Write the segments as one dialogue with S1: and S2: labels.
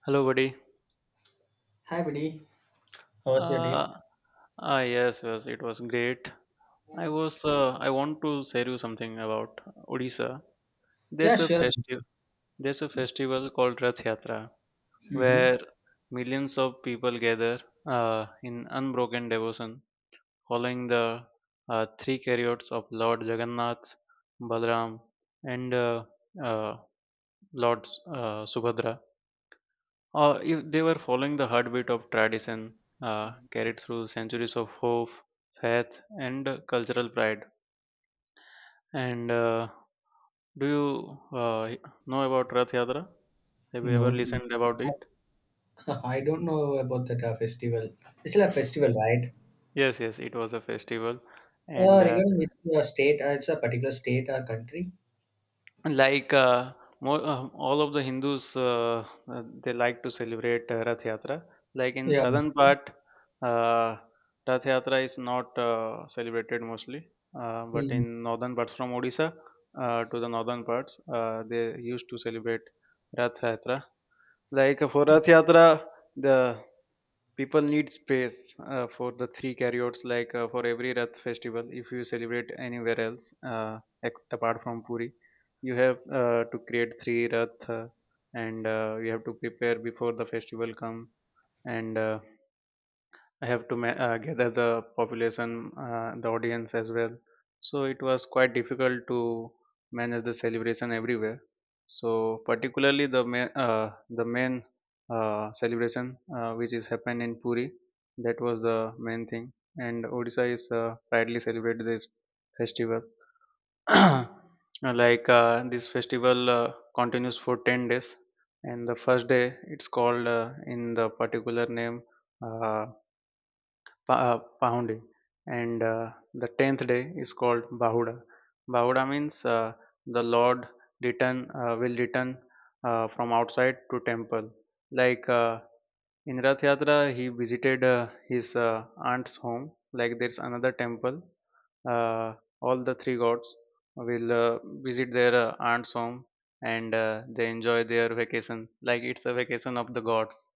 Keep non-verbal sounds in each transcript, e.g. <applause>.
S1: Hello, buddy.
S2: Hi, buddy. How's your day?
S1: Uh, yes, yes, it was great. I was, I want to share you something about Odisha.
S2: Yeah,
S1: There's a
S2: sure.
S1: festival, there's a festival called Rath Yatra,
S2: Mm-hmm.
S1: where millions of people gather in unbroken devotion, following the three chariots of Lord Jagannath, Balaram, and uh, Lord Subhadra. Or if they were following the heartbeat of tradition carried through centuries of hope, faith, and cultural pride. And do you know about Rath Yatra? Have you ever
S2: No,
S1: listened about it?
S2: <laughs> I don't know about that festival. It's still a festival, right?
S1: Yes, yes, it was a festival, and
S2: Regarding which state, it's a particular state or country.
S1: like uh, all of the hindus they like to celebrate rath yatra like in
S2: Yeah.
S1: southern part. uh, Rath yatra is not celebrated mostly, but
S2: Mm.
S1: in northern parts from odisha to the northern parts, they used to celebrate rath yatra. For rath yatra the people need space for the three carryouts. For every Rath festival if you celebrate anywhere else, apart from Puri you have, to create three Rath, and you have to prepare before the festival come, and I have to ma- gather the population, the audience as well. So it was quite difficult to manage the celebration everywhere. So particularly the main celebration which is happened in Puri, that was the main thing. And Odisha is proudly celebrated this festival. <clears throat> This festival continues for 10 days, and the first day it's called in the particular name, uh, Pahundi, and the tenth day is called Bahuda. Bahuda means the Lord return will return from outside to temple. Like uh, in Rath Yatra, he visited his aunt's home. Like there's another temple. Uh, all the three gods will visit their aunt's home, and they enjoy their vacation. Like it's a vacation of the gods.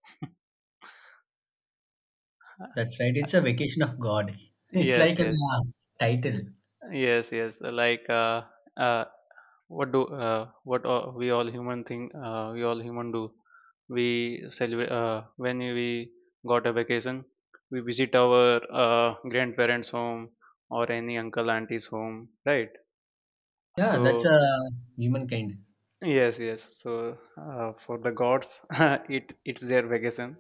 S2: That's right. It's a
S1: <laughs>
S2: vacation of God. <laughs> It's
S1: Yes,
S2: like a
S1: yes.
S2: title.
S1: Yes, yes. Uh, what we all human think? We all human do. We celebrate when we got a vacation. We visit our grandparents' home or any uncle auntie's home, right?
S2: Yeah, that's
S1: So
S2: a humankind.
S1: yes, yes. So for the gods, <laughs> it's their vacation.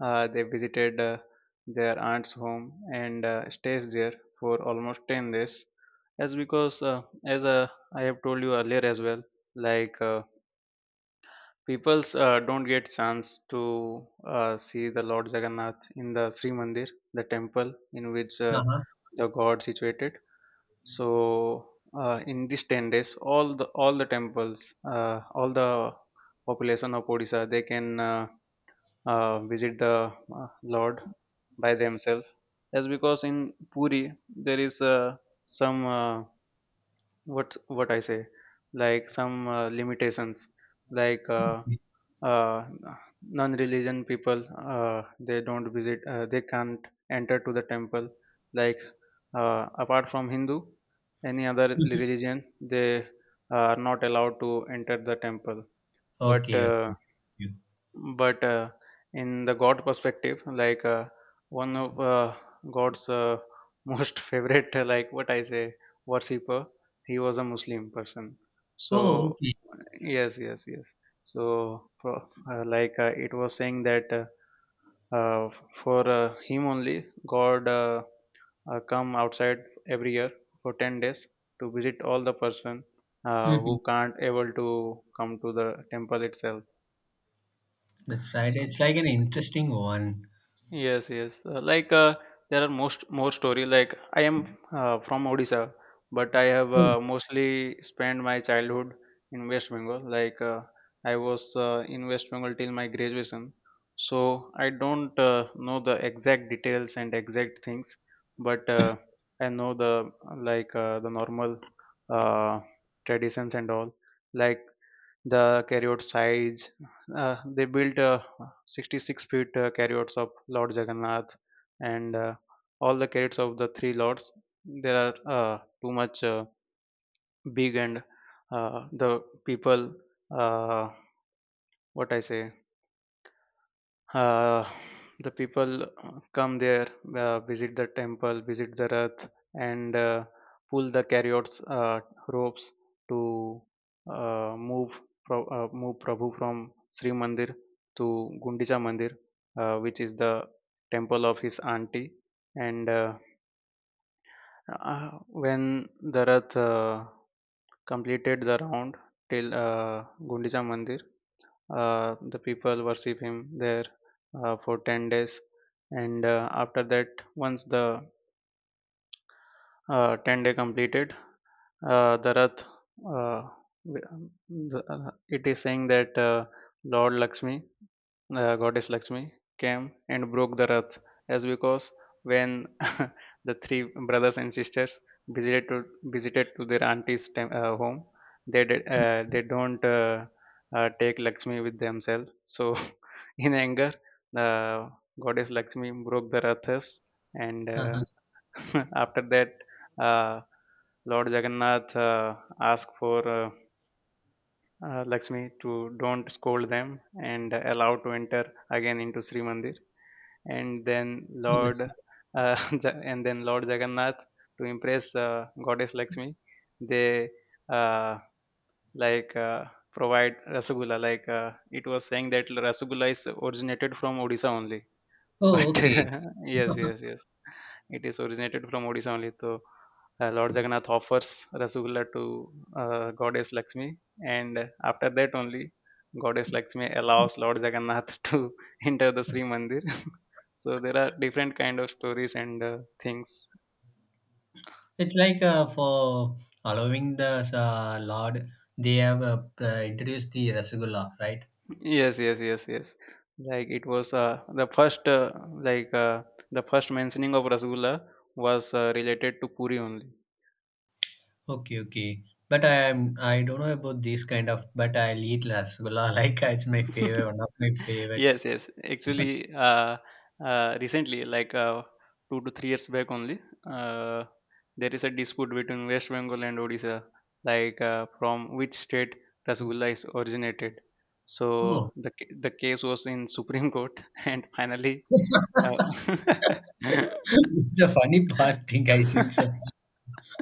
S1: They visited their aunt's home, and stays there for almost 10 days. As I have told you earlier as well, like uh, people's don't get chance to see the Lord Jagannath in the Sri Mandir, the temple in which
S2: Uh-huh.
S1: the god situated. So in these 10 days, all the temples, all the population of Odisha, they can, visit the Lord by themselves. That's because in Puri there is some what I say, like some limitations, like uh,
S2: <laughs>
S1: uh, non-religion people, they don't visit, they can't enter to the temple, like apart from hindu any other
S2: Mhm.
S1: religion, they are not allowed to enter the temple. but
S2: Okay. Okay.
S1: uh, but uh, in the god perspective, one of god's <laughs> most favorite, like what I say, worshipper, he was a muslim person. So
S2: Oh, okay.
S1: yes yes yes so pro- like it was saying that, uh, for him only, god, come outside every year for 10 days to visit all the person who
S2: Hmm.
S1: can't able to come to the temple itself.
S2: That's right.
S1: So
S2: It's like an interesting one.
S1: yes, yes. There are most more story. Like I am from Odisha, but I have
S2: Oh,
S1: mostly spent my childhood in West Bengal. I was in West Bengal till my graduation, so I don't know the exact details and exact things, but I know the, the normal uh, traditions and all. Like the carriot size. They built 66 feet carriots of Lord Jagannath, and all the carriots of the three lords. They are too much big, and the people, uh, what I say, Uh, the people come there, visit the temple, visit the Rath, and pull the chariots, ropes to move Prabhu from Sri Mandir to Gundicha Mandir, which is the temple of his auntie. And when the Rath completed the round till Gundicha Mandir, the people worship him there for 10 days, and after that, once the 10-day completed, the rath, uh, w- it is saying that, lord lakshmi, the goddess Lakshmi came and broke the Rath, as because when <laughs> the three brothers and sisters visited to their home, they don't, take Lakshmi with themselves. So <laughs> in anger, the goddess Lakshmi broke the Rathas, and
S2: uh-huh.
S1: <laughs> after that, uh, Lord Jagannath asked for Lakshmi to don't scold them and allow to enter again into Sri Mandir. And then Lord
S2: That's right.
S1: <laughs> and then Lord Jagannath, to impress Goddess Lakshmi, they, uh, like uh, provide Rasgulla. It was saying that Rasgulla is originated from Odisha only. But
S2: Oh,
S1: <laughs>
S2: okay.
S1: yes, yes,
S2: <laughs>
S1: yes. It is originated from Odisha only. So Lord Jagannath offers Rasgulla to Goddess Lakshmi, and after that only, Goddess Lakshmi allows Lord Jagannath <laughs> to enter the Sri Mandir. <laughs> So there are different kind of stories and things.
S2: It's like for allowing the Lord, they have introduced the Rasgulla, right?
S1: Yes, yes, yes, yes. Like it was the first mentioning of Rasgulla was related to Puri only.
S2: Okay, okay. But I don't know about these kind of, but I'll eat Rasgulla. <laughs> Like it's my favorite, one
S1: <laughs>
S2: of my favorite.
S1: yes yes
S2: <laughs>
S1: actually recently, 2 to 3 years back only, uh, there is a dispute between west bengal and odisha, from which state rasgulla is originated. So
S2: Oh,
S1: the the case was in supreme court <laughs> and finally, uh,
S2: it's a funny part thing. I think so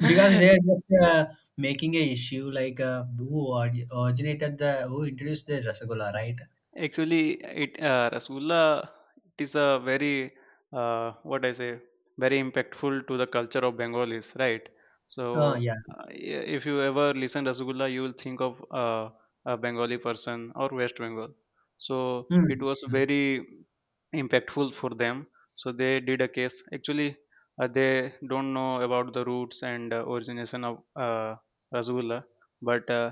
S2: because they are just making a issue like who originated the who introduced the
S1: <laughs>
S2: Rasgulla, right?
S1: actually, it Rasgulla, it is a very, what I say very impactful to the culture of Bengalis, right? So
S2: Oh yeah.
S1: if you ever listen Rasgulla, you will think of a Bengali person or West Bengal. So
S2: Mm.
S1: it was
S2: Mm.
S1: very impactful for them. So they did a case. Actually, they don't know about the roots and origination of Rasgulla, but uh,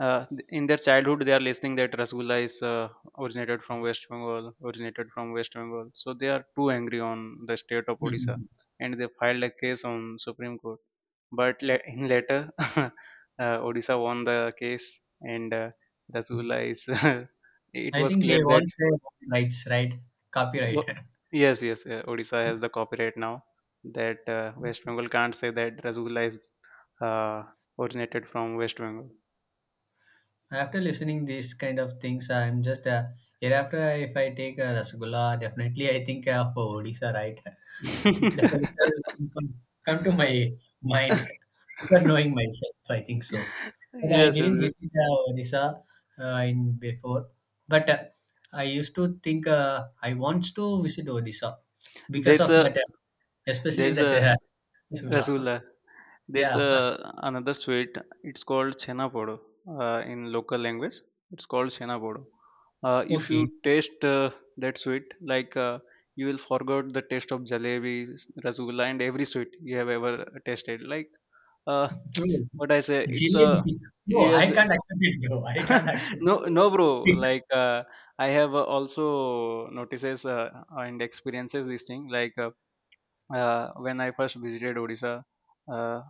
S1: uh, in their childhood they are listening that rasgulla is originated from west bengal, so they are too angry on the state of odisha, and they filed a case on supreme court. But in later, <laughs> uh, odisha won the case, and
S2: Mm.
S1: rasgulla is <laughs> it
S2: I
S1: was
S2: think they
S1: clear that
S2: want their rights, right? Copyright.
S1: wo- yes, yes. Odisha has the copyright now, that west bengal can't say that rasgulla is uh, originated from west bengal.
S2: <laughs> After listening these kind of things, I'm just hereafter if I take a rasgulla, definitely I think of Odisha, right? <laughs> The Odisha
S1: <laughs>
S2: will come to my mind <laughs> without knowing myself. I think so,
S1: Yes,
S2: but I
S1: yes,
S2: didn't
S1: yes.
S2: visit Odisha in before. But I used to think I want to visit Odisha because
S1: There's
S2: of
S1: a
S2: that, especially
S1: there's
S2: that
S1: a
S2: rasgulla. <laughs>
S1: rasgulla. There's
S2: Yeah.
S1: a another sweet. It's called chhena podo. In local language, it's called chhena podo.
S2: <laughs>
S1: If you
S2: Okay.
S1: taste that sweet, like uh, you will forget the taste of jalebi, rasgulla, and every sweet you have ever tasted. Uh,
S2: Bro,
S1: <tsk> what I say, it's a
S2: jalebi. No,
S1: yes.
S2: I can't accept it, bro. I can't
S1: <laughs>
S2: accept it,
S1: No,
S2: bro.
S1: no, bro.
S2: Because-
S1: Like uh, I have also notices and experiences this thing. Like. When I first visited Odisha. Uh,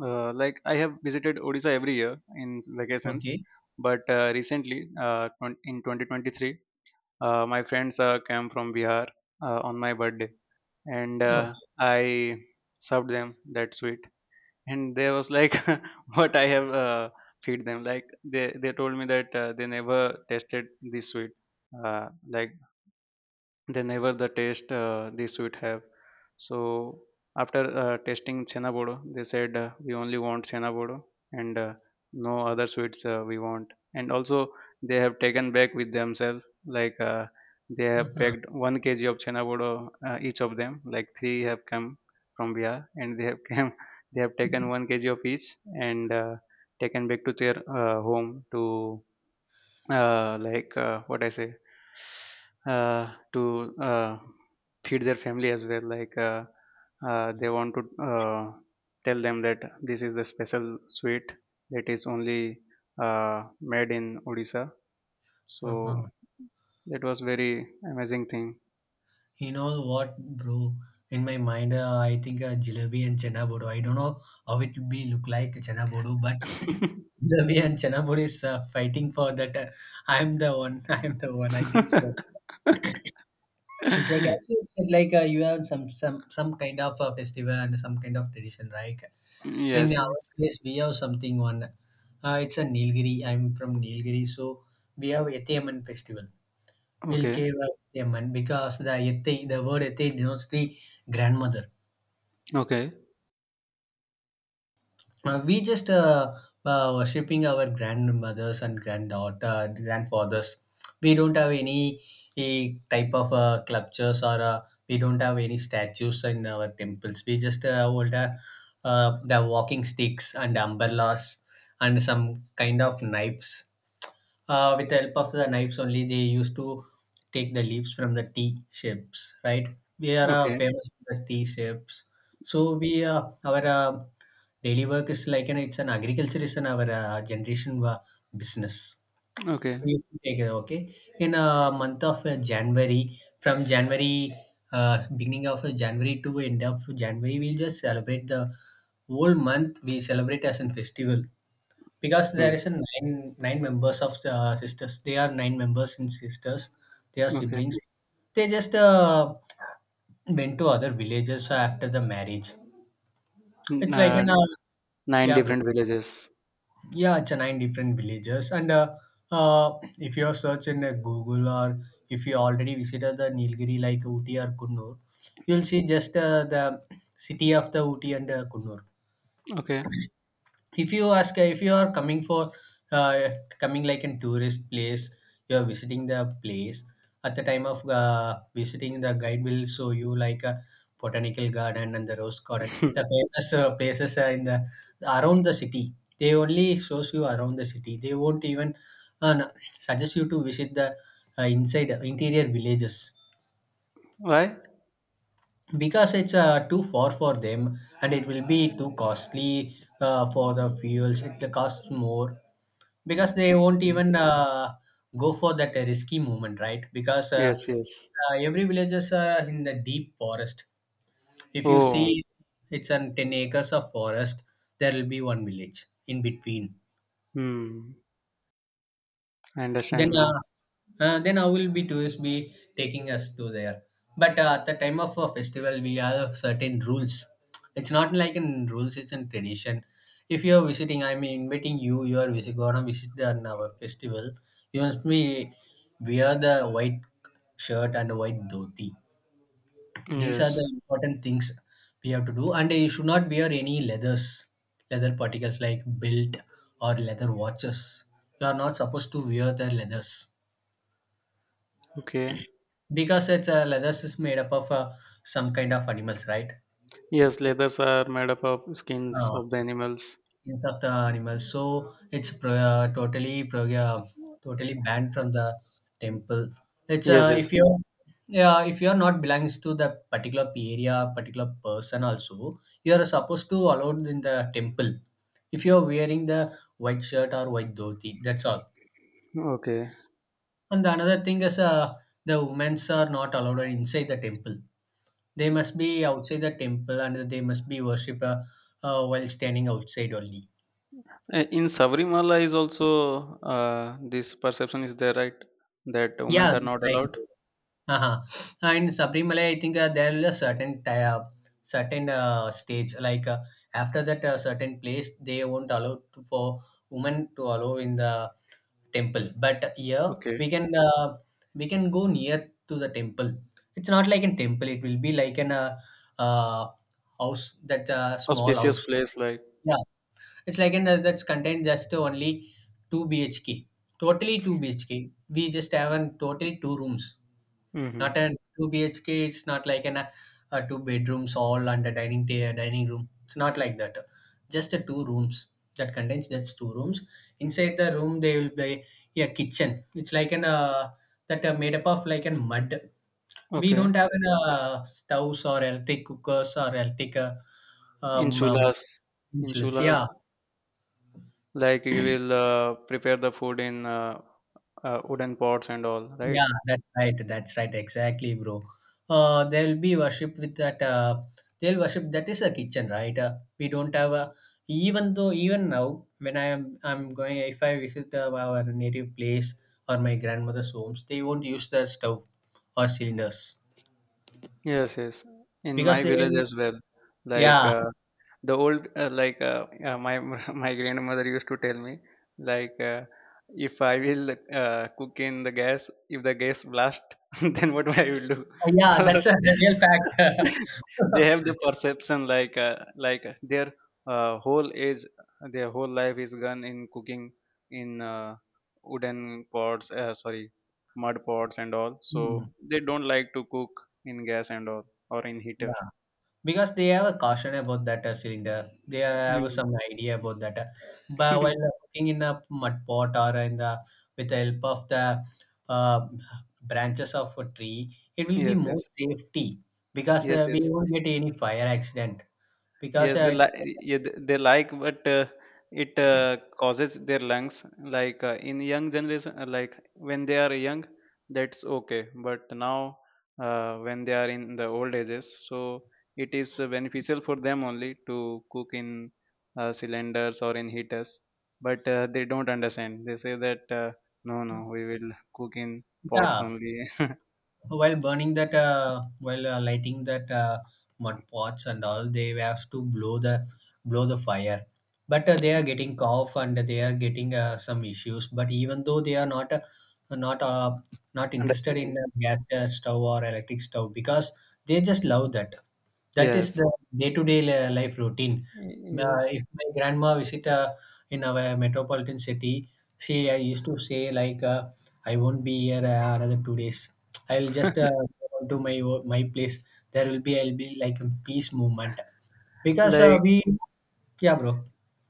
S1: like I have visited Odisha every year in vacations,
S2: Okay.
S1: but recently, in 2023, my friends came from Bihar on my birthday, and
S2: Okay.
S1: I served them that sweet, and they was like, <laughs> "What I have feed them?" Like they told me that they never tasted this sweet. Like they never the taste the sweet have So after tasting chhena bodo, they said, we only want chhena bodo and, no other sweets we want. And also they have taken back with themselves, like uh, they have
S2: Uh-huh.
S1: packed 1 kg of chhena bodo, each of them. Like three have come from bihar, and they have <laughs> came, they have taken 1 kg of each, and taken back to their home to, like what I say to feed their family as well. They want to tell them that this is the special sweet that is only made in Odisha. So
S2: Uh-huh.
S1: that was very amazing thing.
S2: You know what, bro? In my mind, I think jalebi and chana bodo. I don't know how it will be look like chana bodo, but <laughs> <clears throat>
S1: <laughs>
S2: jalebi and chana bodo is fighting for that. I'm the one. <laughs> I'm the one. I think so. It's like as you said, like you have some kind of a festival and some kind of tradition, right? In
S1: Yes.
S2: our
S1: Yes.
S2: place, we have something on. It's a Nilgiri. I'm from Nilgiri, so we have Ethaman festival. We'll
S1: Okay.
S2: give Ethaman because the Ethai, the word Ethai denotes the grandmother.
S1: Okay.
S2: We just worshipping our grandmothers and granddaughter, grandfathers. We don't have any type of sculptures or we don't have any statues in our temples. We just hold the walking sticks and umbrellas and some kind of knives. With the help of the knives only, they used to take the leaves from the tea shapes, right? We are
S1: Okay.
S2: famous for the tea shapes. So we our daily work is like an it's an agriculture is an our generation business.
S1: Okay.
S2: We used to take, okay, in a month of January, from January beginning of January to end of January, we'll just celebrate the whole month. We celebrate as a festival because there
S1: Hmm.
S2: is a nine members of the sisters. They are nine members in sisters. They are
S1: Okay.
S2: siblings. They just went to other villages after the marriage.
S1: N-
S2: It's like
S1: Uh,
S2: an
S1: Nine
S2: yeah, bro.
S1: different villages.
S2: Yeah, it's a nine different villages and uh, if you search in Google or if you already visited the Nilgiri like Uti or Kunnur, you'll see just the city of the Uti and Kunnur.
S1: Okay.
S2: If you ask, if you are coming for uh, coming like in tourist place, you are visiting the place. At the time of visiting, the guide will show you like a botanical garden and the rose garden, the
S1: <laughs>
S2: famous places are in the around the city. They only shows you around the city. They won't even no, suggest you to visit the inside interior villages
S1: Why?
S2: because it's too far for them, and it will be too costly for the fuels. It costs more because they won't
S1: Okay.
S2: even go for that risky movement, right? Because
S1: Yes, yes.
S2: every villages are in the deep forest. If you
S1: Oh,
S2: see, it's on 10 acres of forest, there will be one village in between.
S1: hmm. I
S2: Then
S1: understand now.
S2: then how will be tours be taking us to there. But at the time of a festival, we have certain rules. It's not like in rules, it's in tradition. If you're visiting, I'm inviting you, you are gonna visit the our festival. You must be wear the white shirt and white dhoti. These are
S1: Yes.
S2: the important things we have to do, and you should not wear any leathers, leather particles like belt or leather watches. You are not supposed to wear the leathers.
S1: Okay.
S2: Because it's leathers is made up of some kind of animals, right?
S1: Yes, leathers are made up of skins
S2: Uh,
S1: of the animals.
S2: Skins of the animals. So it's totally banned from the temple. It's
S1: Yes,
S2: if
S1: yes.
S2: you're yeah, if you're not belongs to the particular area, particular person also, you're supposed to allowed in the temple. If you're wearing the white shirt or white dhoti, that's all.
S1: Okay.
S2: And the another thing is the women's are not allowed inside the temple. They must be outside the temple and they must be worship while standing outside only.
S1: In Sabrimala is also this perception is there, right? That women
S2: Yeah,
S1: are
S2: that's
S1: not
S2: right.
S1: allowed.
S2: Uh-huh. And Sabrimala, I think there is a certain certain stage like after that certain place they won't allow to, for women to allow in the temple. But here
S1: Okay.
S2: we can uh, we can go near to the temple. It's not like a temple. It will be like an uh, house that small
S1: Auspicious
S2: house.
S1: place like.
S2: Yeah. It's like in a, that's contained just only two BHK, totally two BHK. We just have an totally two rooms,
S1: Mm-hmm.
S2: not a two BHK. It's not like an a two bedrooms all and a dining dining room. It's not like that. Just a two rooms that contains just two rooms. Inside the room, they will be a kitchen. It's like an that are made up of like an mud. We
S1: Okay.
S2: don't have an stoves or electric cookers or electric
S1: In
S2: um, um,
S1: Chulas, in
S2: utensils.
S1: Chulas,
S2: Yeah,
S1: like you will prepare the food in wooden pots and all, right?
S2: yeah, that's right. That's right. Exactly, bro. They'll be worship with that. They'll worship. That is a kitchen, right? We don't have a. Even though, even now, when I am, I'm going. If I visit our native place or my grandmother's homes, they won't use the stove or cylinders
S1: Yes, yes. In
S2: because
S1: my
S2: they.
S1: village as well, like
S2: Yeah,
S1: uh, the old, my <laughs> my grandmother used to tell me, like uh, if I will cook in the gas, if the gas blast, <laughs> then what I will do. <laughs>
S2: yeah.
S1: So
S2: That's a real fact.
S1: <laughs> they have the
S2: <laughs>
S1: perception their whole age, their whole life is gone in cooking in wooden pots, sorry, mud pots and all, so
S2: Hmm,
S1: they don't like to cook in gas and all or in heater.
S2: yeah. Because they have a caution about that cylinder, they have
S1: Mm.
S2: some idea about that, but while
S1: <laughs>
S2: cooking in a mud pot or in the with the help of the uh, branches of a tree, it will be
S1: Yes,
S2: more
S1: yes.
S2: safety because
S1: Yes,
S2: we
S1: yes.
S2: won't get any fire accident because
S1: Yes, they like, yeah, they like, but it causes their lungs. In young generation, like when they are young, that's okay. But now, when they are in the old ages, so it is beneficial for them only to cook in cylinders or in heaters. But they don't understand. They say that no, no, we will cook in pots
S2: yeah,
S1: only. <laughs>
S2: while burning that while lighting that mud pots and all, they have to blow the fire. But they are getting cough and they are getting some issues, but even though they are not uh, not interested in
S1: Understanding.
S2: gas stove or electric stove because they just love that. That is
S1: Yes.
S2: the day-to-day life routine.
S1: Yes.
S2: If my grandma visit in our metropolitan city, she used to say like, "I won't be here another 2 days. I'll just go on to my my place. There will be I'll be like a peace movement because
S1: Like
S2: we yeah, bro,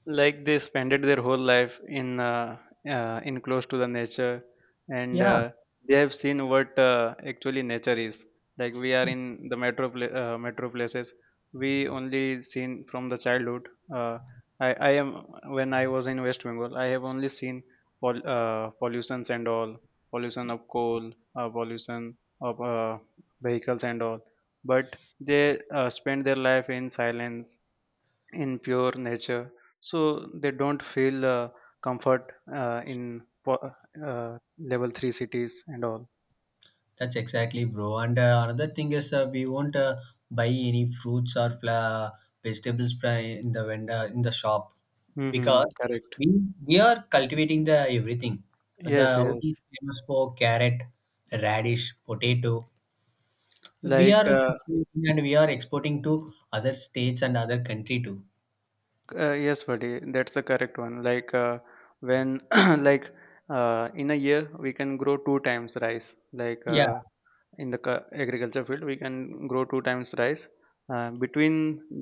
S1: like they spent their whole life in close to the nature, and
S2: yeah.
S1: they have seen what actually nature is. Like we are in the metro places, we only seen from the childhood. Uh, i i am, when I was in West Bengal I have only seen pollutions and all, pollution of coal, pollution of vehicles and all, but they spend their life in silence, in pure nature, so they don't feel comfort in level 3 cities and all.
S2: That's exactly, bro. And another thing is, we won't buy any fruits or vegetables from in the vendor in the shop
S1: Mm-hmm.
S2: because
S1: Correct.
S2: we we are cultivating the everything. The
S1: Yes, yes.
S2: Odisha famous for carrot, radish, potato. We are
S1: like
S2: cultivating and we are exporting to other states and other country too.
S1: yes buddy, that's the correct one. When <clears throat> like, in a year we can grow two times rice,
S2: Yeah.
S1: in the agriculture field we can grow two times rice between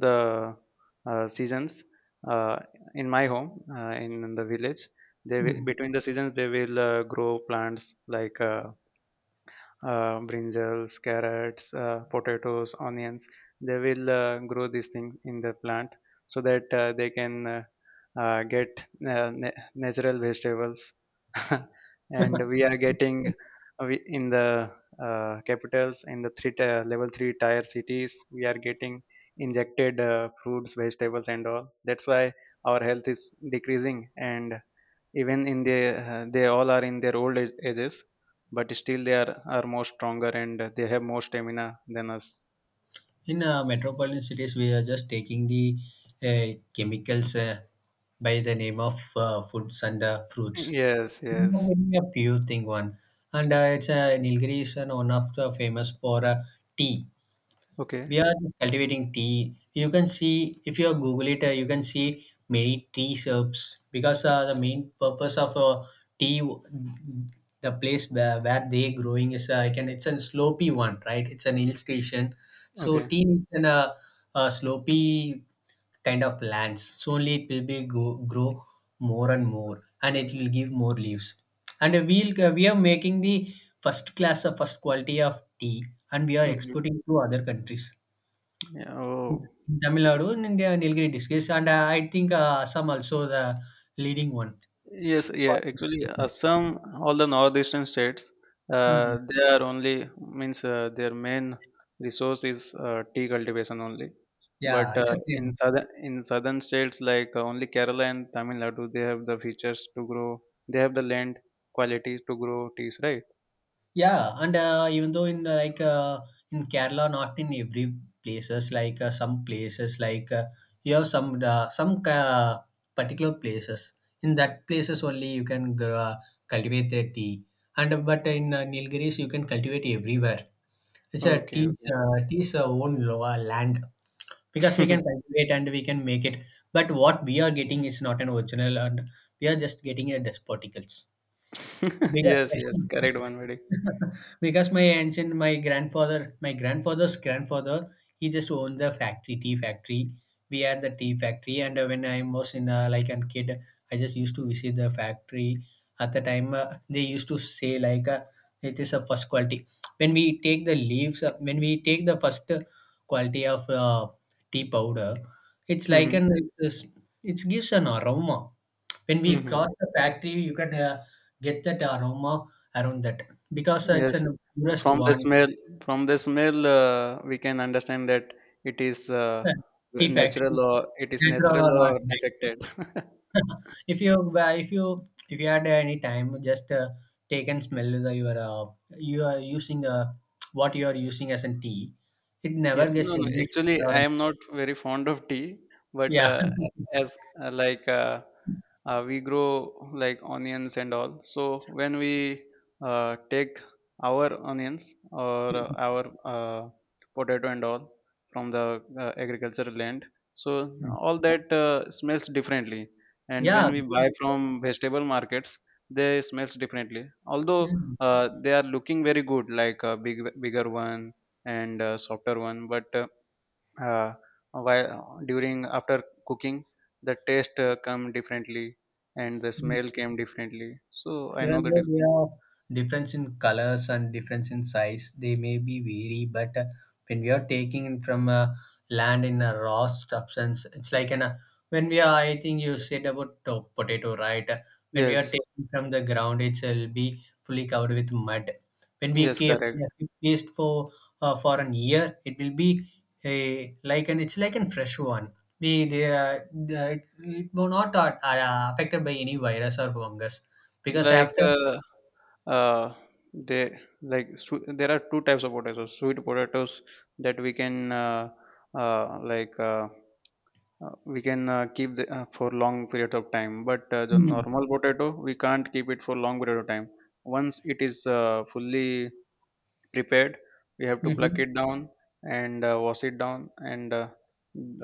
S1: the seasons. uh, in my home, in the village, they will, between the seasons they will grow plants like brinjals, carrots, potatoes, onions. They will grow these things in the plant, so that they can get natural vegetables. <laughs> And we
S2: <laughs>
S1: are getting, in the capitals, in the level three tier cities, we are getting injected fruits, vegetables, and all. That's why our health is decreasing. And even in the, they all are in their ages, but still they are more stronger and they have more stamina than us.
S2: In metropolitan cities, we are just taking the chemicals by the name of foods and fruits.
S1: Yes,
S2: We are
S1: yes.
S2: getting a pure thing one, and it's a Nilgiri is an one of the famous for tea.
S1: Okay.
S2: We are just cultivating tea. You can see if you Google it, you can see many tea shops because the main purpose of tea, the place where they growing is can it's a slopy one, right? It's an hill station, so
S1: Okay.
S2: tea needs an a slopy kind of lands. So only it will be go, grow more and more, and it will give more leaves. And we'll we are making the first class of first quality of tea, and we are
S1: Hmm.
S2: exporting to other countries
S1: Yeah. Oh.
S2: in Tamil Nadu and India Nilgiri discussed, and I think Assam also the leading one.
S1: Yes, yeah, actually, Assam, all the northeastern states,
S2: Mhm.
S1: they are only, means, their main resource is tea cultivation only.
S2: Yeah,
S1: But
S2: it's a
S1: in
S2: same.
S1: southern, in southern states like only Kerala and Tamil Nadu, they have the features to grow. They have the land quality to grow teas, right?
S2: Yeah, and even though in like in Kerala, not in every places, like some places, like you have some particular places. In that places only you can grow, cultivate the tea, and but in Nilgiris you can cultivate everywhere. It's a
S1: Okay.
S2: tea's tea's own land. Because we can
S1: <laughs>
S2: cultivate and we can make it, but what we are getting is not an original and we are just getting a despoticals because
S1: Yes, yes,
S2: <laughs>
S1: correct one, very.
S2: because my ancient my grandfather my grandfather's grandfather he just owned the factory tea factory. We had the tea factory, and when I was in like a kid, I just used to visit the factory. At the time they used to say like it is a first quality when we take the leaves when we take the first quality of tea powder. It's like
S1: Mm-hmm.
S2: an it gives an aroma. When we
S1: Mm-hmm.
S2: cross the factory, you can get that aroma around that because it's
S1: Yes,
S2: an purest
S1: from the
S2: one.
S1: smell, from the smell, we can understand that it is
S2: uh, Tea factory,
S1: natural, or it is
S2: natural
S1: natural
S2: or not,
S1: or
S2: right?
S1: defected. <laughs>
S2: <laughs> If you if you had any time, just take and smell the your you are using what you are using as a tea. It never
S1: Yes,
S2: gets
S1: no, no.
S2: any
S1: Actually,
S2: smell or
S1: I am not very fond of tea, but
S2: yeah.
S1: as uh, like uh, we grow like onions and all, so when we take our onions or
S2: <laughs>
S1: our potato and all from the agricultural land, so all that smells differently. And
S2: Yeah.
S1: when we buy from vegetable markets, they smells differently. Although
S2: Mm.
S1: they are looking very good, like a big, bigger one and softer one, but uh, while during after cooking the taste come differently, and the smell came differently, so I know
S2: Even
S1: the
S2: though they
S1: difference.
S2: are difference in colors and difference in size, they may be vary. But when we are taking it from land in a raw substance, it's like an when we are. I think you said about potato, right? When we are
S1: Yes,
S2: taking from the ground, it will be fully covered with mud. When we
S1: yes, correct.
S2: keep placed for an year, it will be a, like an it's like an fresh one. We uh, uh, it, it will not are affected by any virus or fungus because
S1: like
S2: after
S1: uh, uh they, like swe there are two types of potatoes, so sweet potatoes that we can, uh like uh, we can keep the, for long periods of time, but the
S2: Mhm.
S1: normal potato we can't keep it for long period of time. Once it is fully prepared, we have to pluck
S2: Mhm.
S1: it down and wash it down, and uh,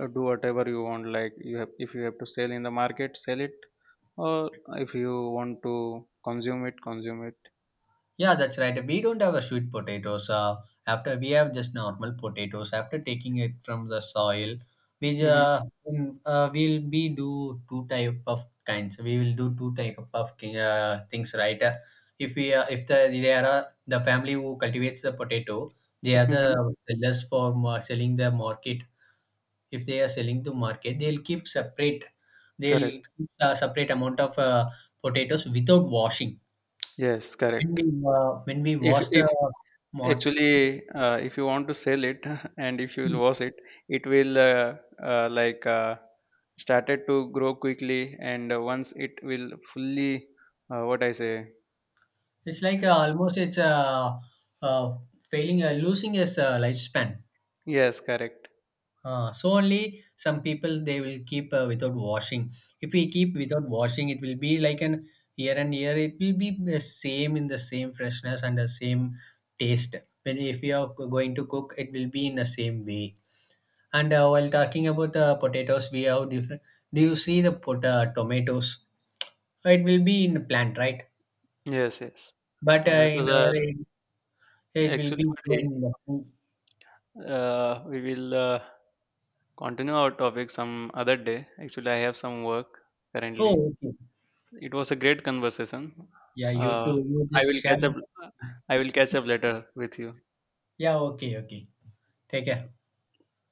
S1: uh, do whatever you want. Like, you have, if you have to sell in the market, sell it, or if you want to consume it, consume it.
S2: Yeah, that's right. We don't have a sweet potatoes after we have just normal potatoes after taking it from the soil. We
S1: Hmm.
S2: will be do two type of kinds. We will do two type of things, right? If we if the there are the family who cultivates the potato, they are the
S1: Hmm.
S2: sellers for selling the market. If they are selling to market, they'll keep separate. They'll
S1: Correct.
S2: keep a separate amount of potatoes without washing.
S1: Yes,
S2: When we
S1: correct.
S2: when we
S1: if
S2: watch the
S1: if
S2: mod,
S1: actually, if you want to sell it <laughs> and if you will wash it, it will, uh, like uh, started to grow quickly, and once it will fully, what I say.
S2: it's like almost it's uh, failing, losing its lifespan.
S1: Yes, correct.
S2: So only some people they will keep without washing. If we keep without washing, it will be like an year and year. It will be the same in the same freshness and the same taste. When if you are going to cook, it will be in the same way. And while talking about potatoes, we have different. Do you see the tomatoes? It will be in plant, right?
S1: Yes, yes.
S2: But
S1: Tomatoes
S2: in
S1: are,
S2: our age, it will
S1: actually,
S2: be
S1: buddy,
S2: going.
S1: we will continue our topic some other day. Actually, I have some work currently.
S2: Oh, okay.
S1: It was a great conversation.
S2: Yeah, you
S1: Uh,
S2: too. You
S1: I
S2: just
S1: will
S2: share.
S1: catch up. I will catch up later with you.
S2: Yeah, okay, okay. Take care.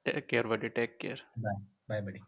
S1: Take care, buddy. Take care.
S2: Bye. Bye, buddy.